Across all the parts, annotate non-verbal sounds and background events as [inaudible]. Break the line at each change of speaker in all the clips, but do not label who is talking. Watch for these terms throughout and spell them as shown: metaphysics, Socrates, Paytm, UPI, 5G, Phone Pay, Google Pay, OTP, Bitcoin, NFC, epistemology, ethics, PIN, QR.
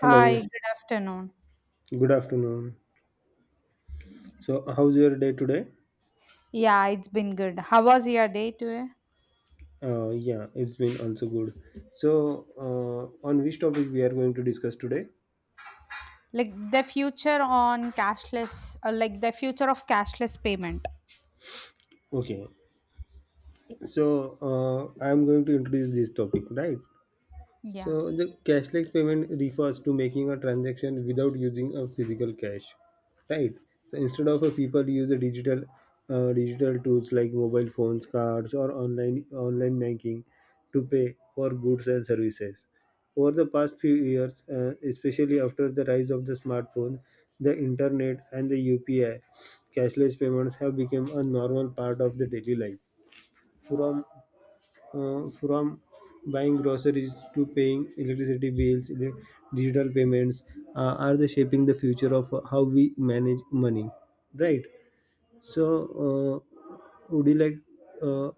Hello,
Hi, good afternoon.
good afternoon. So, how's your day today?
Yeah, it's been good. How was your day today?
Yeah, it's been also good. So, on which topic we are going to discuss today?
Like the future on cashless, like the future of cashless payment.
Okay. So, I'm going to introduce this topic, right?
Yeah.
So the cashless payment refers to making a transaction without using a physical cash, right? So instead of a people use a digital digital tools like mobile phones, cards, or online banking to pay for goods and services. Over the past few years, especially after the rise of the smartphone, the internet, and the UPI, cashless payments have become a normal part of the daily life. From uh, from buying groceries to paying electricity bills, the digital payments are the shaping the future of how we manage money, right? So, uh, would you like uh,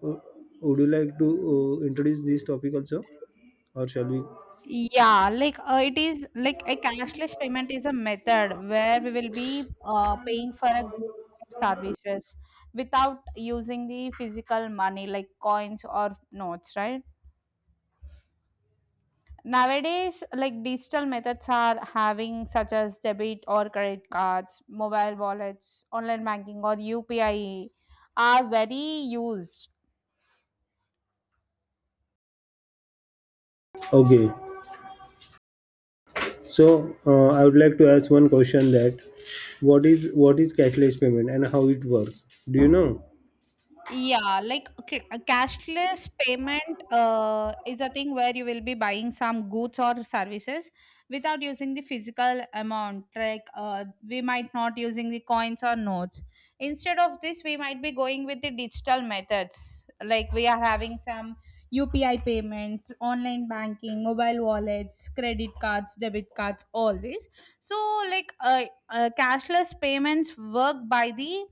would you like to introduce this topic also, or shall we?
Yeah, like it is like a cashless payment is a method where we will be paying for a goods or services without using the physical money like coins or notes, right? Nowadays, like digital methods are having such as debit or credit cards, mobile wallets, online banking, or UPI are very used.
Okay. So, I would like to ask one question that what is cashless payment and how it works? Do you know?
Yeah, like cashless payment is a thing where you will be buying some goods or services without using the physical amount. Like we might not using the coins or notes. Instead of this, we might be going with the digital methods. Like we are having some UPI payments, online banking, mobile wallets, credit cards, debit cards, all this. So like cashless payments work by the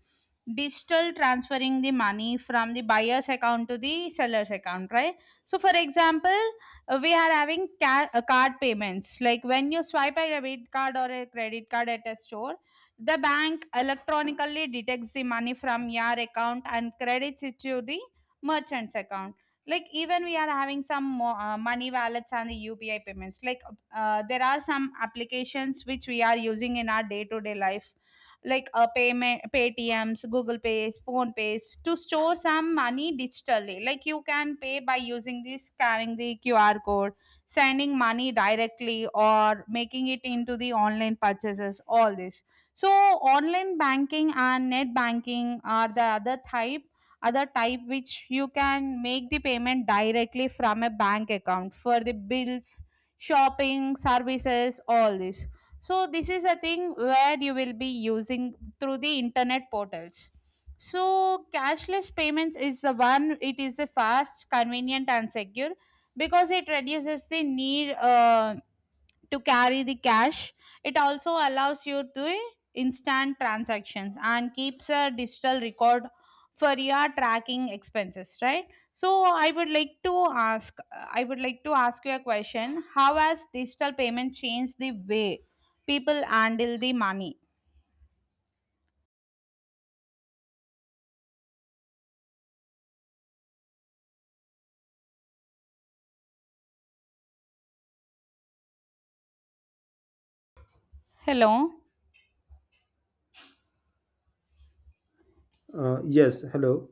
digital transferring the money from the buyer's account to the seller's account, right? So for example, we are having card payments, like when you swipe a debit card or a credit card at a store, the bank electronically detects the money from your account and credits it to the merchant's account. Like even we are having some money wallets and the UPI payments. Like there are some applications which we are using in our day to day life, like payment Paytms, Google Pays, Phone Pays, to store some money digitally. Like you can pay by using this, scanning the QR code, sending money directly, or making it into the online purchases, all this. So online banking and net banking are the other type which you can make the payment directly from a bank account for the bills, shopping, services, all this. So this is a thing where you will be using through the internet portals. So cashless payments is the one, it is a fast, convenient, and secure, because it reduces the need to carry the cash. It also allows you to instant transactions and keeps a digital record for your tracking expenses, right? So I would like to ask I would like to ask you a question. How has digital payment changed the way people handle the money? Hello.
Yes. Hello.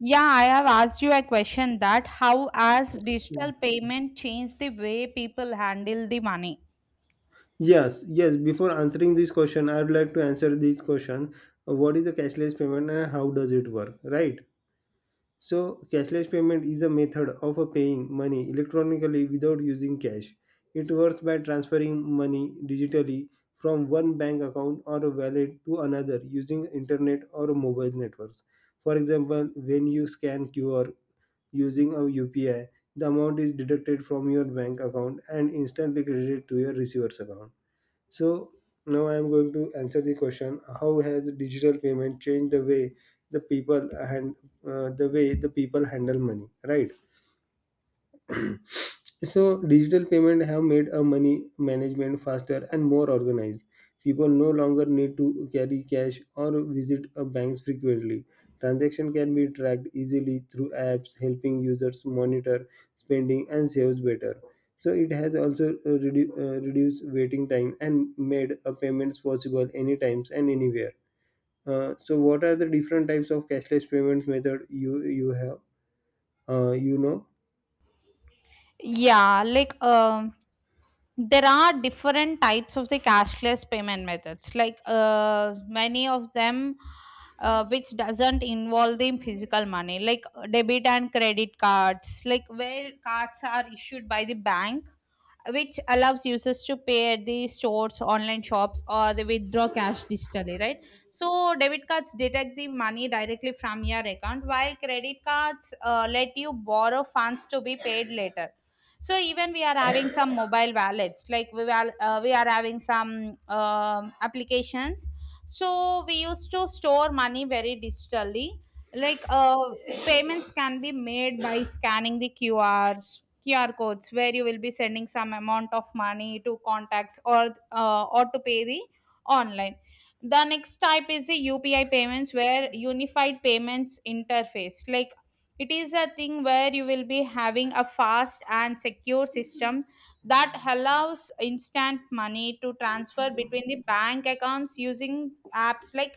Yeah, I have asked you a question that how has digital payment changed the way people handle the money?
Yes, yes. Before answering this question, I would like to answer this question. What is the cashless payment and how does it work? Right. So, cashless payment is a method of paying money electronically without using cash. It works by transferring money digitally from one bank account or a wallet to another using internet or mobile networks. For example, when you scan QR using a UPI, the amount is deducted from your bank account and instantly credited to your receiver's account. So now I am going to answer the question: how has digital payment changed the way the people and the way the people handle money? Right. So digital payment have made a money management faster and more organized. People no longer need to carry cash or visit a banks frequently. Transaction can be tracked easily through apps, helping users monitor spending and saves better. So it has also reduced waiting time and made a payments possible anytime and anywhere. So what are the different types of cashless payments method you have? Uh, you know.
Yeah, like there are different types of the cashless payment methods. Like many of them, which doesn't involve the physical money, like debit and credit cards, like where cards are issued by the bank, which allows users to pay at the stores, online shops, or they withdraw cash digitally, right? So debit cards detect the money directly from your account, while credit cards let you borrow funds to be paid later. So even we are having some mobile wallets, like we are having some applications. So we used to store money very digitally. Like payments can be made by scanning the qrs qr codes, where you will be sending some amount of money to contacts, or to pay the online. The next type is the UPI payments, where unified payments interface, like it is a thing where you will be having a fast and secure system that allows instant money to transfer between the bank accounts using apps, like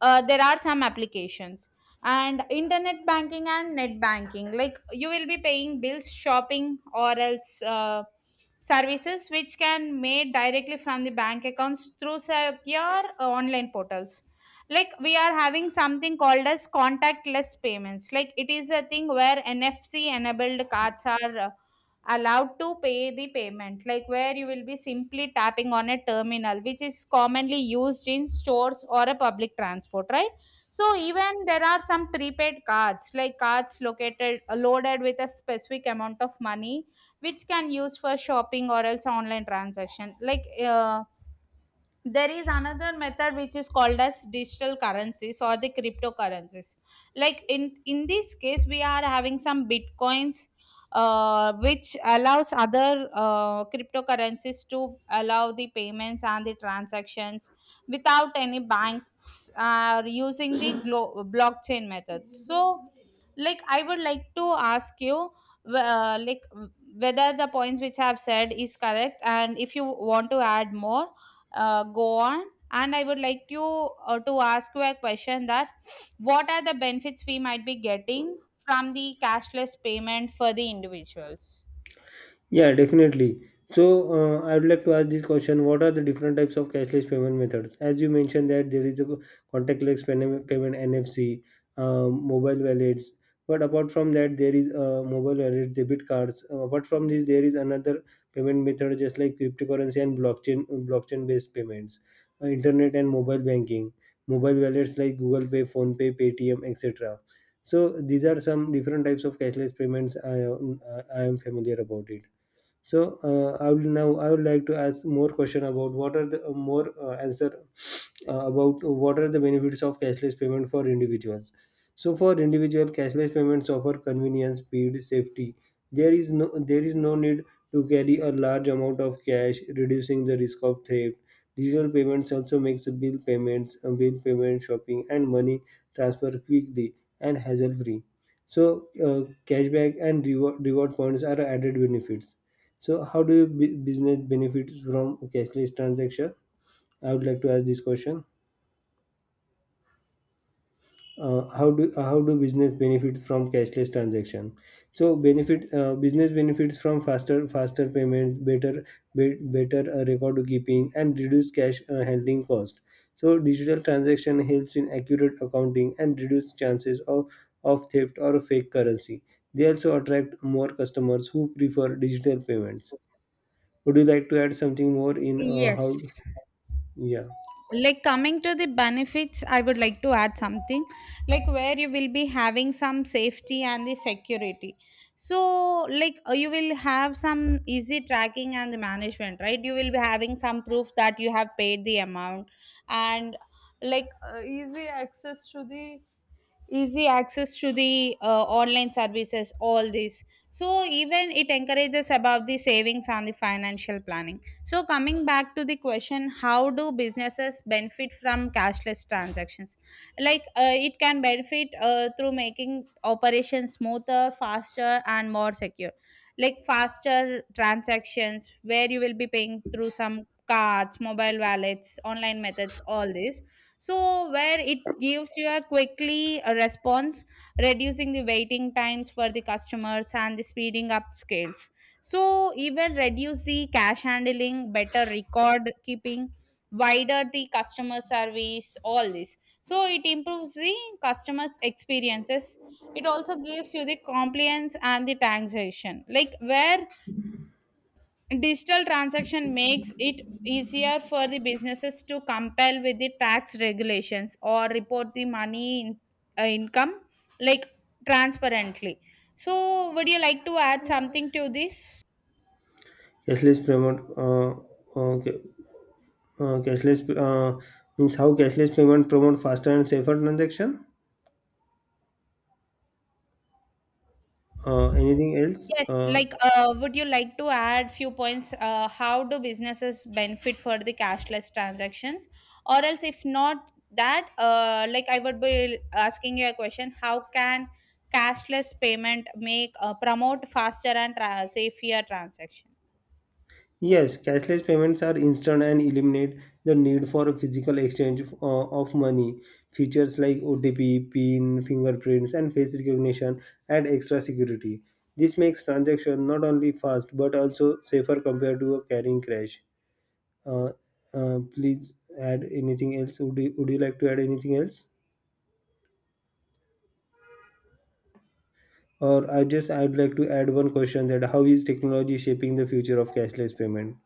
there are some applications. And internet banking and net banking, like you will be paying bills, shopping, or else services, which can made directly from the bank accounts through secure online portals. Like we are having something called as contactless payments, like it is a thing where NFC enabled cards are allowed to pay the payment, like where you will be simply tapping on a terminal which is commonly used in stores or a public transport, right? So even there are some prepaid cards, like cards located loaded with a specific amount of money which can use for shopping or else online transaction. Like there is another method which is called as digital currencies or the cryptocurrencies. Like in this case we are having some bitcoins, which allows other cryptocurrencies to allow the payments and the transactions without any banks, are using the blockchain method. So like I would like to ask you, like, whether the points which I have said is correct, and if you want to add more, go on. And I would like you, to ask you a question, that what are the benefits we might be getting from the cashless payment for the individuals?
Yeah, definitely. So, I would like to ask this question: what are the different types of cashless payment methods? As you mentioned that there is a contactless payment, payment NFC, mobile wallets. But apart from that, there is mobile wallet, debit cards. Apart from this, there is another payment method, just like cryptocurrency and blockchain, blockchain-based payments, internet and mobile banking, mobile wallets like Google Pay, Phone Pay, Paytm, etc. So these are some different types of cashless payments I am familiar about it. So I will now I would like to ask more question about what are the more answer about what are the benefits of cashless payment for individuals. So for individual, cashless payments offer convenience, speed, safety. There is no need to carry a large amount of cash, reducing the risk of theft. Digital payments also makes bill payments, bill payment, shopping, and money transfer quickly and hassle free. So cashback and reward points are added benefits so, how do you business benefits from cashless transaction? I would like to ask this question. How do business benefit from cashless transaction? So, benefit business benefits from faster payments, better record keeping, and reduced cash handling cost. So, digital transaction helps in accurate accounting and reduce chances of theft or fake currency. They also attract more customers who prefer digital payments. Would you like to add something more in
Yes.
how? Yeah,
Like coming to the benefits, I would like to add something, like where you will be having some safety and the security. So, like you will have some easy tracking and the management, right? You will be having some proof that you have paid the amount, and like easy access to the online services, all this. So even it encourages about the savings and the financial planning. So coming back to the question: how do businesses benefit from cashless transactions? Like it can benefit through making operations smoother, faster, and more secure. Like faster transactions, where you will be paying through some cards, mobile wallets, online methods, all this. So where it gives you a quickly a response, reducing the waiting times for the customers and the speeding up scales. So even reduce the cash handling, better record keeping, wider the customer service, all this. So it improves the customers experiences. It also gives you the compliance and the taxation, like where digital transaction makes it easier for the businesses to comply with the tax regulations or report the money in, income, like, transparently. So, would you like to add something to this?
cashless payment. Ca- cashless means how cashless payment promote faster and safer transaction. Anything else?
Yes, like would you like to add few points? How do businesses benefit for the cashless transactions? Or else, if not that, like I would be asking you a question: how can cashless payment make promote faster and safer transaction?
Yes, cashless payments are instant and eliminate the need for a physical exchange of money. Features like OTP, PIN, fingerprints, and face recognition add extra security. This makes transaction not only fast but also safer compared to a carrying cash. Uh, please add anything else. Would would you like to add anything else? Or I just I'd like to add one question that how is technology shaping the future of cashless payment?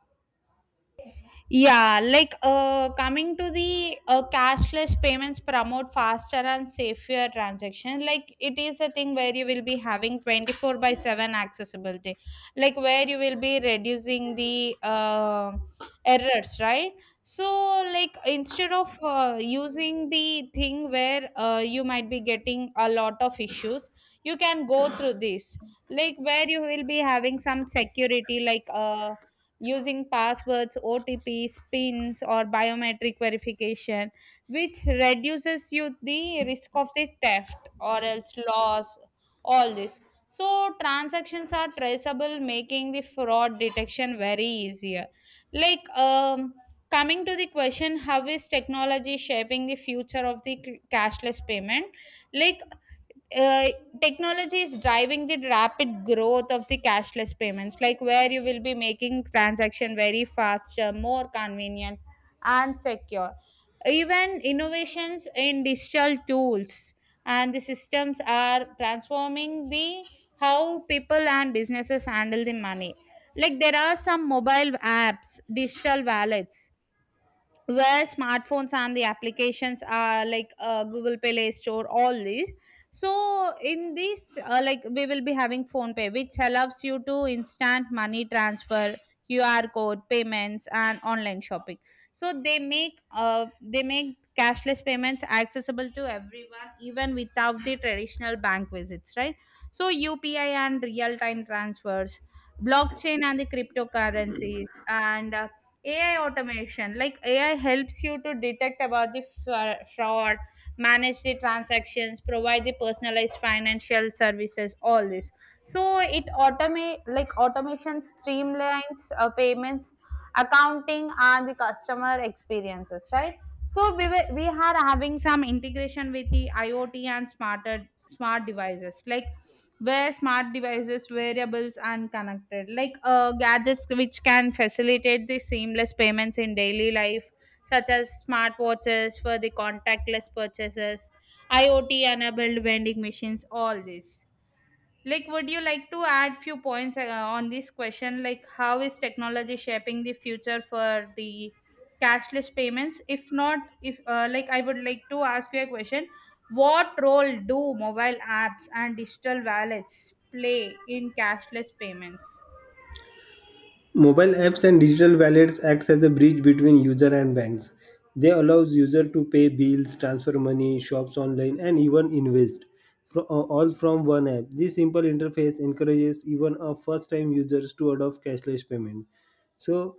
Yeah, like coming to the cashless payments promote faster and safer transaction. Like it is a thing where you will be having 24 by 7 accessibility, like where you will be reducing the errors, right? So, like instead of using the thing where you might be getting a lot of issues, you can go through this, like where you will be having some security, like using passwords, OTPs, PINs, or biometric verification, which reduces you the risk of the theft or else loss. All this. So transactions are traceable, making the fraud detection very easier. Like coming to the question: how is technology shaping the future of the cashless payment? Like uh, technology is driving the rapid growth of the cashless payments, like where you will be making transaction very faster, more convenient, and secure. Even innovations in digital tools and the systems are transforming the how people and businesses handle the money. Like there are some mobile apps, digital wallets, where smartphones and the applications are like, Google Pay, Play Store, all these. So in this, like we will be having Phone Pay, which allows you to instant money transfer, QR code payments, and online shopping. So they make cashless payments accessible to everyone, even without the traditional bank visits, right? So UPI and real time transfers, blockchain and the cryptocurrencies, and AI automation, like AI helps you to detect about the fraud, manage the transactions, provide the personalized financial services, all this. So it automate, like automation streamlines payments, accounting, and the customer experiences, right? So we are having some integration with the IoT and smart devices, like where smart devices, variables and connected, like gadgets which can facilitate the seamless payments in daily life, such as smartwatches for the contactless purchases, IoT enabled vending machines, all this. Like would you like to add few points, on this question, like how is technology shaping the future for the cashless payments? If not, if like I would like to ask you a question: what role do mobile apps and digital wallets play in cashless payments?
Mobile apps and digital wallets acts as a bridge between user and banks. They allows user to pay bills, transfer money, shops online, and even invest, all from one app. This simple interface encourages even a first-time users to adopt cashless payment. So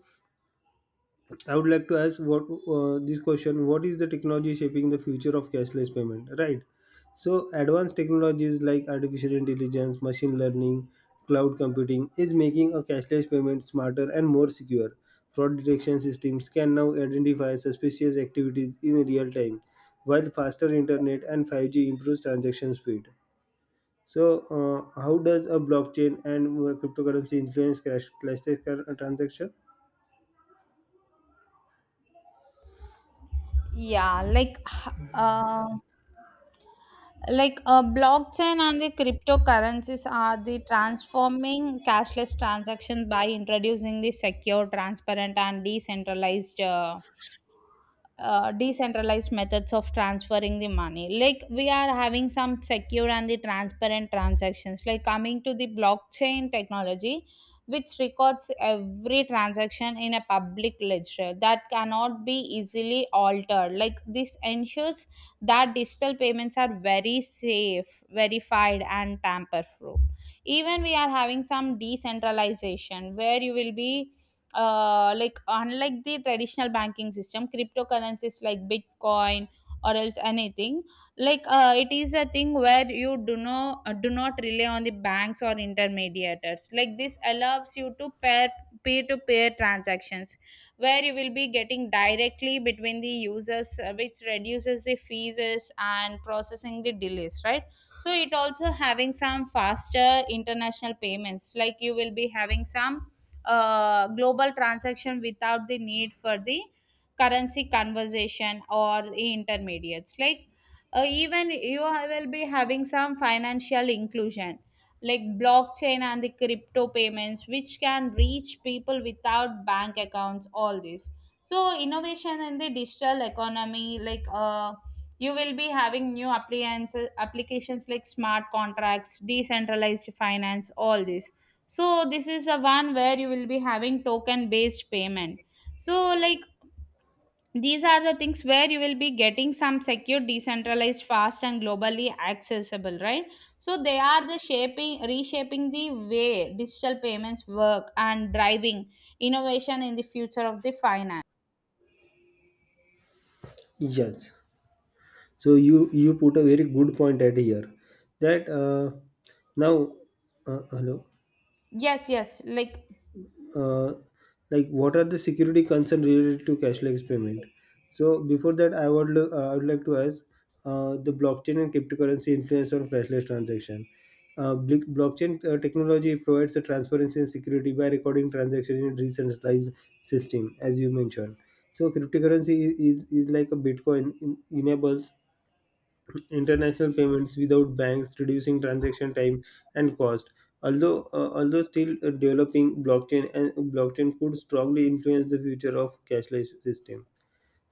I would like to ask what this question: what is the technology shaping the future of cashless payment? Right. So, advanced technologies like artificial intelligence, machine learning, cloud computing is making a cashless payment smarter and more secure. Fraud detection systems can now identify suspicious activities in real time, while faster internet and 5G improves transaction speed. So, how does a blockchain and cryptocurrency influence cashless transaction?
Yeah, blockchain and the cryptocurrencies are the transforming cashless transactions by introducing the secure, transparent, and decentralized. Decentralized methods of transferring the money, like we are having some secure and the transparent transactions. Like coming to the blockchain technology, which records every transaction in a public ledger that cannot be easily altered, like this ensures that digital payments are very safe, verified and tamper proof. Even we are having some decentralization where you will be like unlike the traditional banking system, cryptocurrencies like bitcoin or else anything, like it is a thing where you do not rely on the banks or intermediators, like this allows you to pair peer to peer transactions, where you will be getting directly between the users, which reduces the fees and processing the delays, right? So it also having some faster international payments, like you will be having some global transaction without the need for the currency conversation or the intermediates, like even you will be having some financial inclusion, like blockchain and the crypto payments, which can reach people without bank accounts, all this. So innovation in the digital economy, like you will be having new appliances applications like smart contracts, decentralized finance, all this. So this is a one where you will be having token based payment. So like these are the things where you will be getting some secure, decentralized, fast and globally accessible, right? So they are the shaping reshaping the way digital payments work and driving innovation in the future of the finance.
Yes. So you put a very good point at here that now hello,
Yes, yes, like
uh, like what are the security concerns related to cashless payment? So before that, I would like to ask the blockchain and cryptocurrency influence on cashless transaction. Blockchain technology provides the transparency and security by recording transactions in a decentralized system, as you mentioned. So cryptocurrency is like a Bitcoin in, enables international payments without banks, reducing transaction time and cost. Although still developing, blockchain and blockchain could strongly influence the future of cashless system.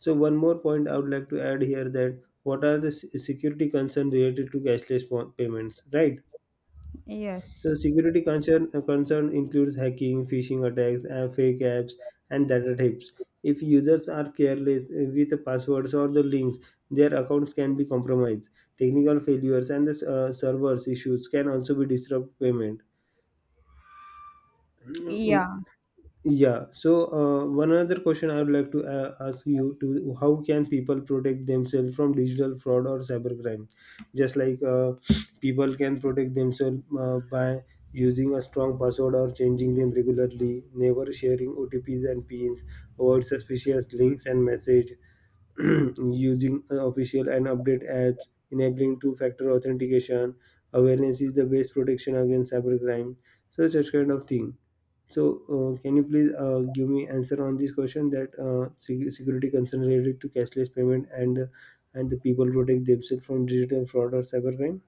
So, one more point I would like to add here that what are the security concerns related to cashless payments, right? So
yes.
security concern includes hacking, phishing attacks, and fake apps, and data theft. If users are careless with the passwords or the links, their accounts can be compromised. Technical failures and the servers issues can also be disrupt payment. Mm, mm,
Yeah.
yeah. So, one other question I would like to ask you to how can people protect themselves from digital fraud or cybercrime? Just like people can protect themselves by using a strong password or changing them regularly, never sharing OTPs and PINs, avoid suspicious links and message, [clears throat] using official and update apps, enabling two-factor authentication. Awareness is the best protection against cybercrime. So, such kind of thing. So, can you please give me answer on this question that security concerns related to cashless payment and the people protect themselves from digital fraud or cybercrime?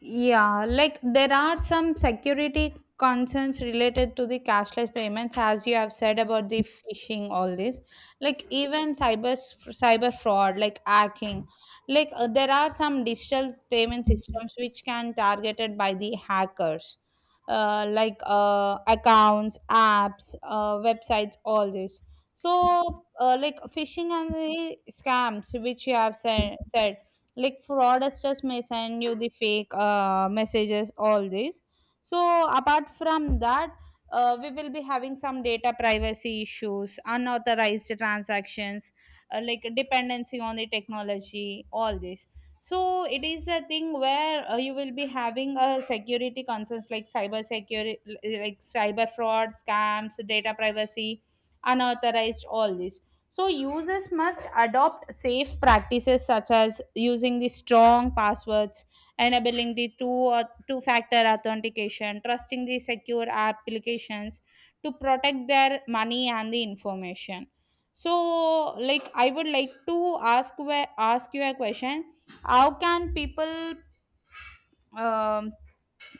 Yeah, like there are some security concerns related to the cashless payments, as you have said about the phishing, all this, like even cyber fraud, like hacking, like there are some digital payment systems which can targeted by the hackers, like accounts, apps, websites, all this. So, like phishing and the scams, which you have said, like fraudsters may send you the fake messages, all this. So, apart from that, we will be having some data privacy issues, unauthorized transactions, like dependency on the technology, all this. So it is a thing where you will be having a security concerns like cyber security, like cyber fraud, scams, data privacy, unauthorized, all this. So users must adopt safe practices, such as using the strong passwords, enabling the two or two factor authentication, trusting the secure applications to protect their money and the information. So like I would like to ask where, ask you a question. How can people um,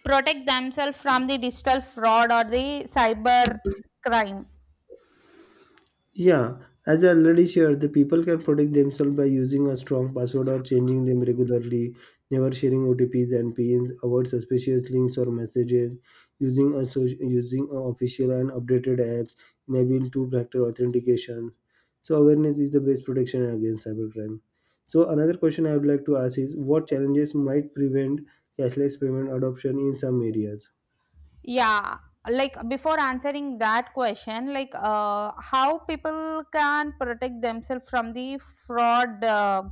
protect themselves from the digital fraud or the cyber crime?
Yeah, as I already shared, the people can protect themselves by using a strong password or changing them regularly, never sharing OTPs and PINs, avoid suspicious links or messages, using using a official and updated apps, enable two-factor authentication. So awareness is the best protection against cybercrime. So another question I would like to ask is, what challenges might prevent cashless payment adoption in some areas?
Yeah, like before answering that question, like how people can protect themselves from the fraud,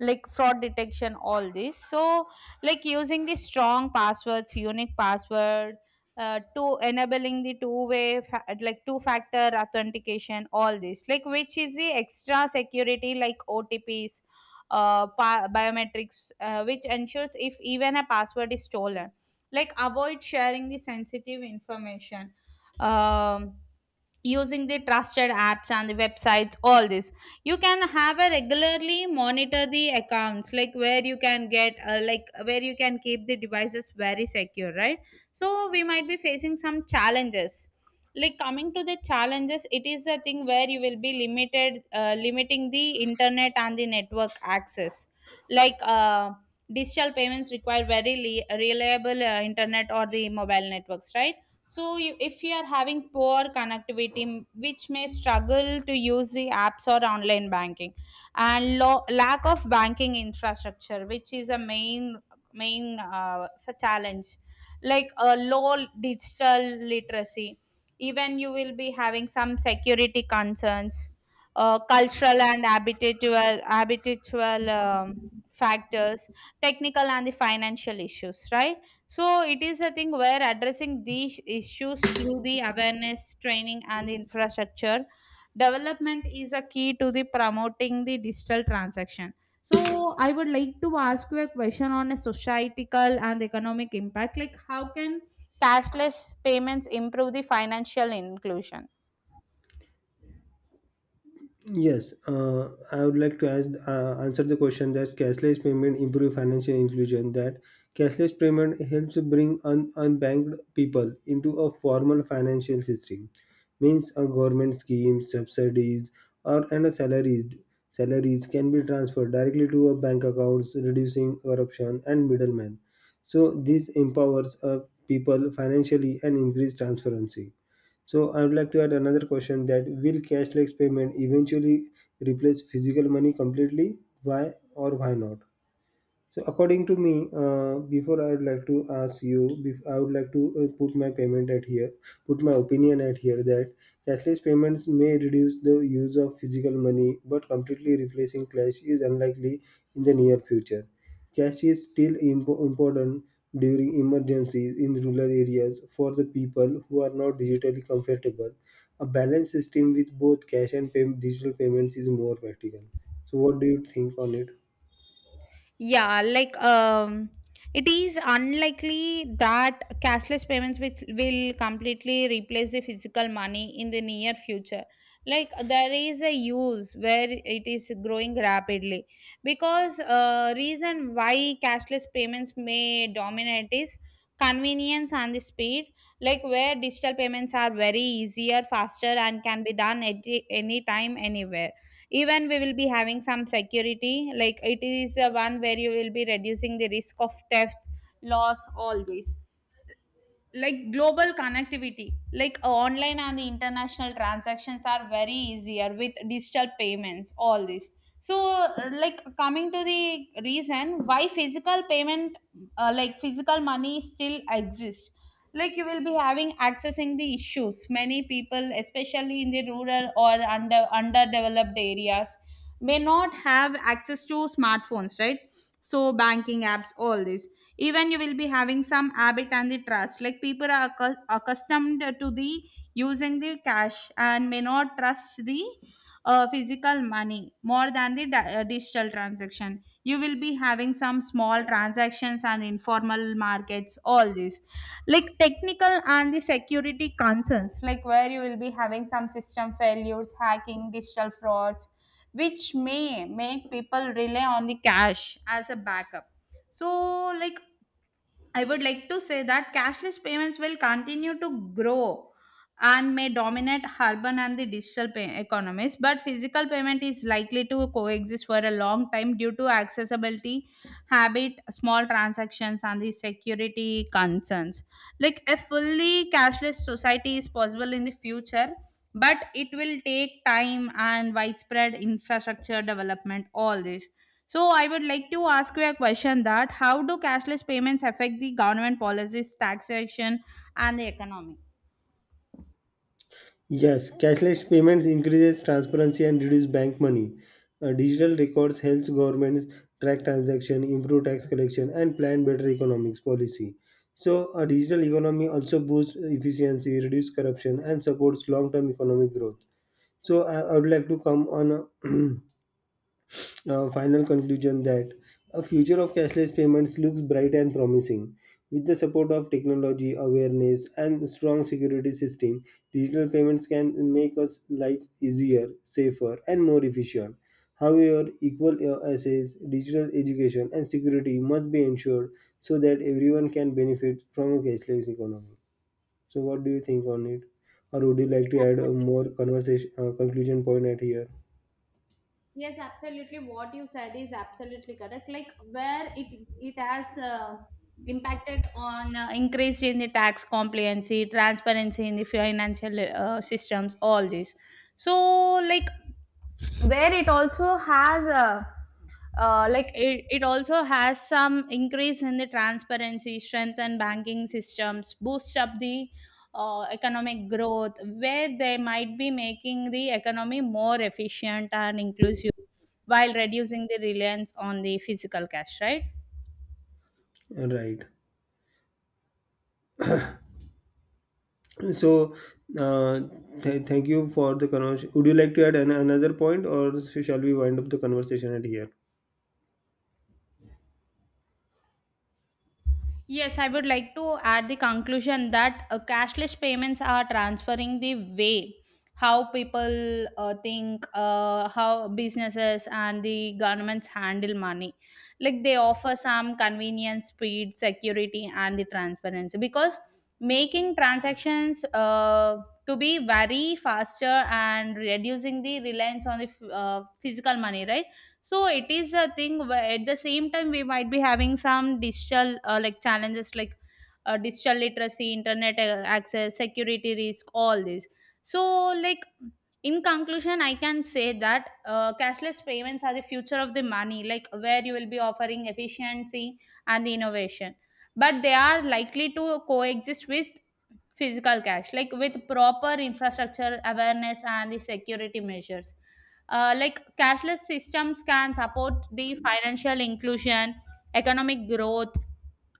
like fraud detection, all this. So, like using the strong passwords, unique password, to enabling the two-way, fa- like two-factor authentication, all this. Like which is the extra security, like OTPs, pa- biometrics, which ensures if even a password is stolen, like avoid sharing the sensitive information, um, using the trusted apps and the websites, all this. You can have a regularly monitor the accounts, like where you can get like where you can keep the devices very secure, right? So we might be facing some challenges. Like coming to the challenges, it is a thing where you will be limited limiting the internet and the network access, like digital payments require very le- reliable internet or the mobile networks, right? So, you, if you are having poor connectivity, which may struggle to use the apps or online banking, and lo- lack of banking infrastructure, which is a main f- challenge, like a low digital literacy, even you will be having some security concerns, cultural and habitual factors, technical and the financial issues, right? So it is a thing where addressing these issues through the awareness training and infrastructure development is a key to the promoting the digital transaction. So I would like to ask you a question on a societal and economic impact. Like how can cashless payments improve the financial inclusion?
Yes, I would like to answer the question that cashless payment improve financial inclusion. That cashless payment helps bring unbanked people into a formal financial system, means a government scheme, subsidies, or and a salaries can be transferred directly to a bank accounts, reducing corruption and middlemen. So this empowers people financially and increase transparency. So I would like to add another question that will cashless payment eventually replace physical money completely? Why or why not? So according to me, before I would like to ask you, I would like to put my payment at here, put my opinion at here that cashless payments may reduce the use of physical money, but completely replacing cash is unlikely in the near future. Cash is still important during emergencies in rural areas for the people who are not digitally comfortable. A balanced system with both cash and digital payments is more practical. So, what do you think on it?
Yeah, like it is unlikely that cashless payments which will completely replace the physical money in the near future. Like there is a use where it is growing rapidly, because reason why cashless payments may dominate is convenience and the speed. Like where digital payments are very easier, faster, and can be done at any time, anywhere. Even we will be having some security, like it is a one where you will be reducing the risk of theft, loss, all this. Like global connectivity, like online and the international transactions are very easier with digital payments, all this. So like coming to the reason why physical payment, like physical money still exists, like you will be having accessing the issues. Many people, especially in the rural or under underdeveloped areas, may not have access to smartphones, right? So banking apps, all this. Even you will be having some habit and the trust, like people are accu- accustomed to the using the cash and may not trust the physical money more than the di- digital transaction. You will be having some small transactions and informal markets, all this. Like technical and the security concerns, like where you will be having some system failures, hacking, digital frauds, which may make people rely on the cash as a backup. So like I would like to say that cashless payments will continue to grow and may dominate urban and the digital pay- economies, but physical payment is likely to coexist for a long time due to accessibility, habit, small transactions and the security concerns. Like a fully cashless society is possible in the future, but it will take time and widespread infrastructure development, all this. So I would like to ask you a question, that how do cashless payments affect the government policies, taxation and the economy.
Yes, cashless payments increases transparency and reduce bank money. Digital records helps governments track transaction, improve tax collection, and plan better economics policy. So, a digital economy also boosts efficiency, reduce corruption, and supports long-term economic growth. So, I would like to come on. A [clears throat] final conclusion that a future of cashless payments looks bright and promising. With the support of technology, awareness, and strong security system, digital payments can make us life easier, safer, and more efficient. However, equal access, digital education, and security must be ensured so that everyone can benefit from a cashless economy. So, what do you think on it? Or would you like to add a more conversation conclusion point at here?
Yes, absolutely. What you said is absolutely correct. Like where it has impacted on increase in the tax compliance, transparency in the financial systems, all this. So, like where it also has a like it also has some increase in the transparency, strengthen banking systems, boost up the economic growth, where they might be making the economy more efficient and inclusive while reducing the reliance on the physical cash, right?
Right. So, uh, thank you for the conversation. Would you like to add another point, or shall we wind up the conversation at here?
Yes, I would like to add the conclusion that cashless payments are transferring the way how people think, how businesses and the governments handle money. Like they offer some convenience, speed, security, and the transparency, because making transactions to be very faster and reducing the reliance on the f- physical money, right? So it is a thing where at the same time we might be having some digital like challenges, like digital literacy, internet access, security risk, all this. So like in conclusion I can say that cashless payments are the future of the money, like where you will be offering efficiency and innovation, but they are likely to coexist with physical cash. Like with proper infrastructure, awareness and the security measures, like cashless systems can support the financial inclusion, economic growth,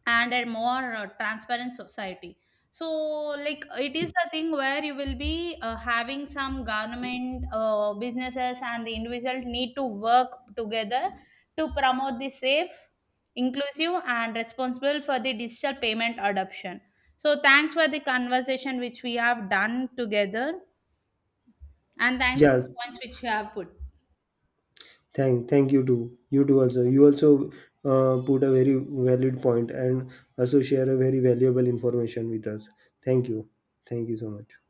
and a more transparent society. So, like it is the thing where you will be having some government, businesses, and the individual need to work together to promote the safe, inclusive, and responsible for the digital payment adoption. So, thanks for the conversation which we have done together, and thanks for
Yes,
the points which you have put.
thank you too. You too also. You also put a very valid point and also share a very valuable information with us. Thank you. Thank you so much.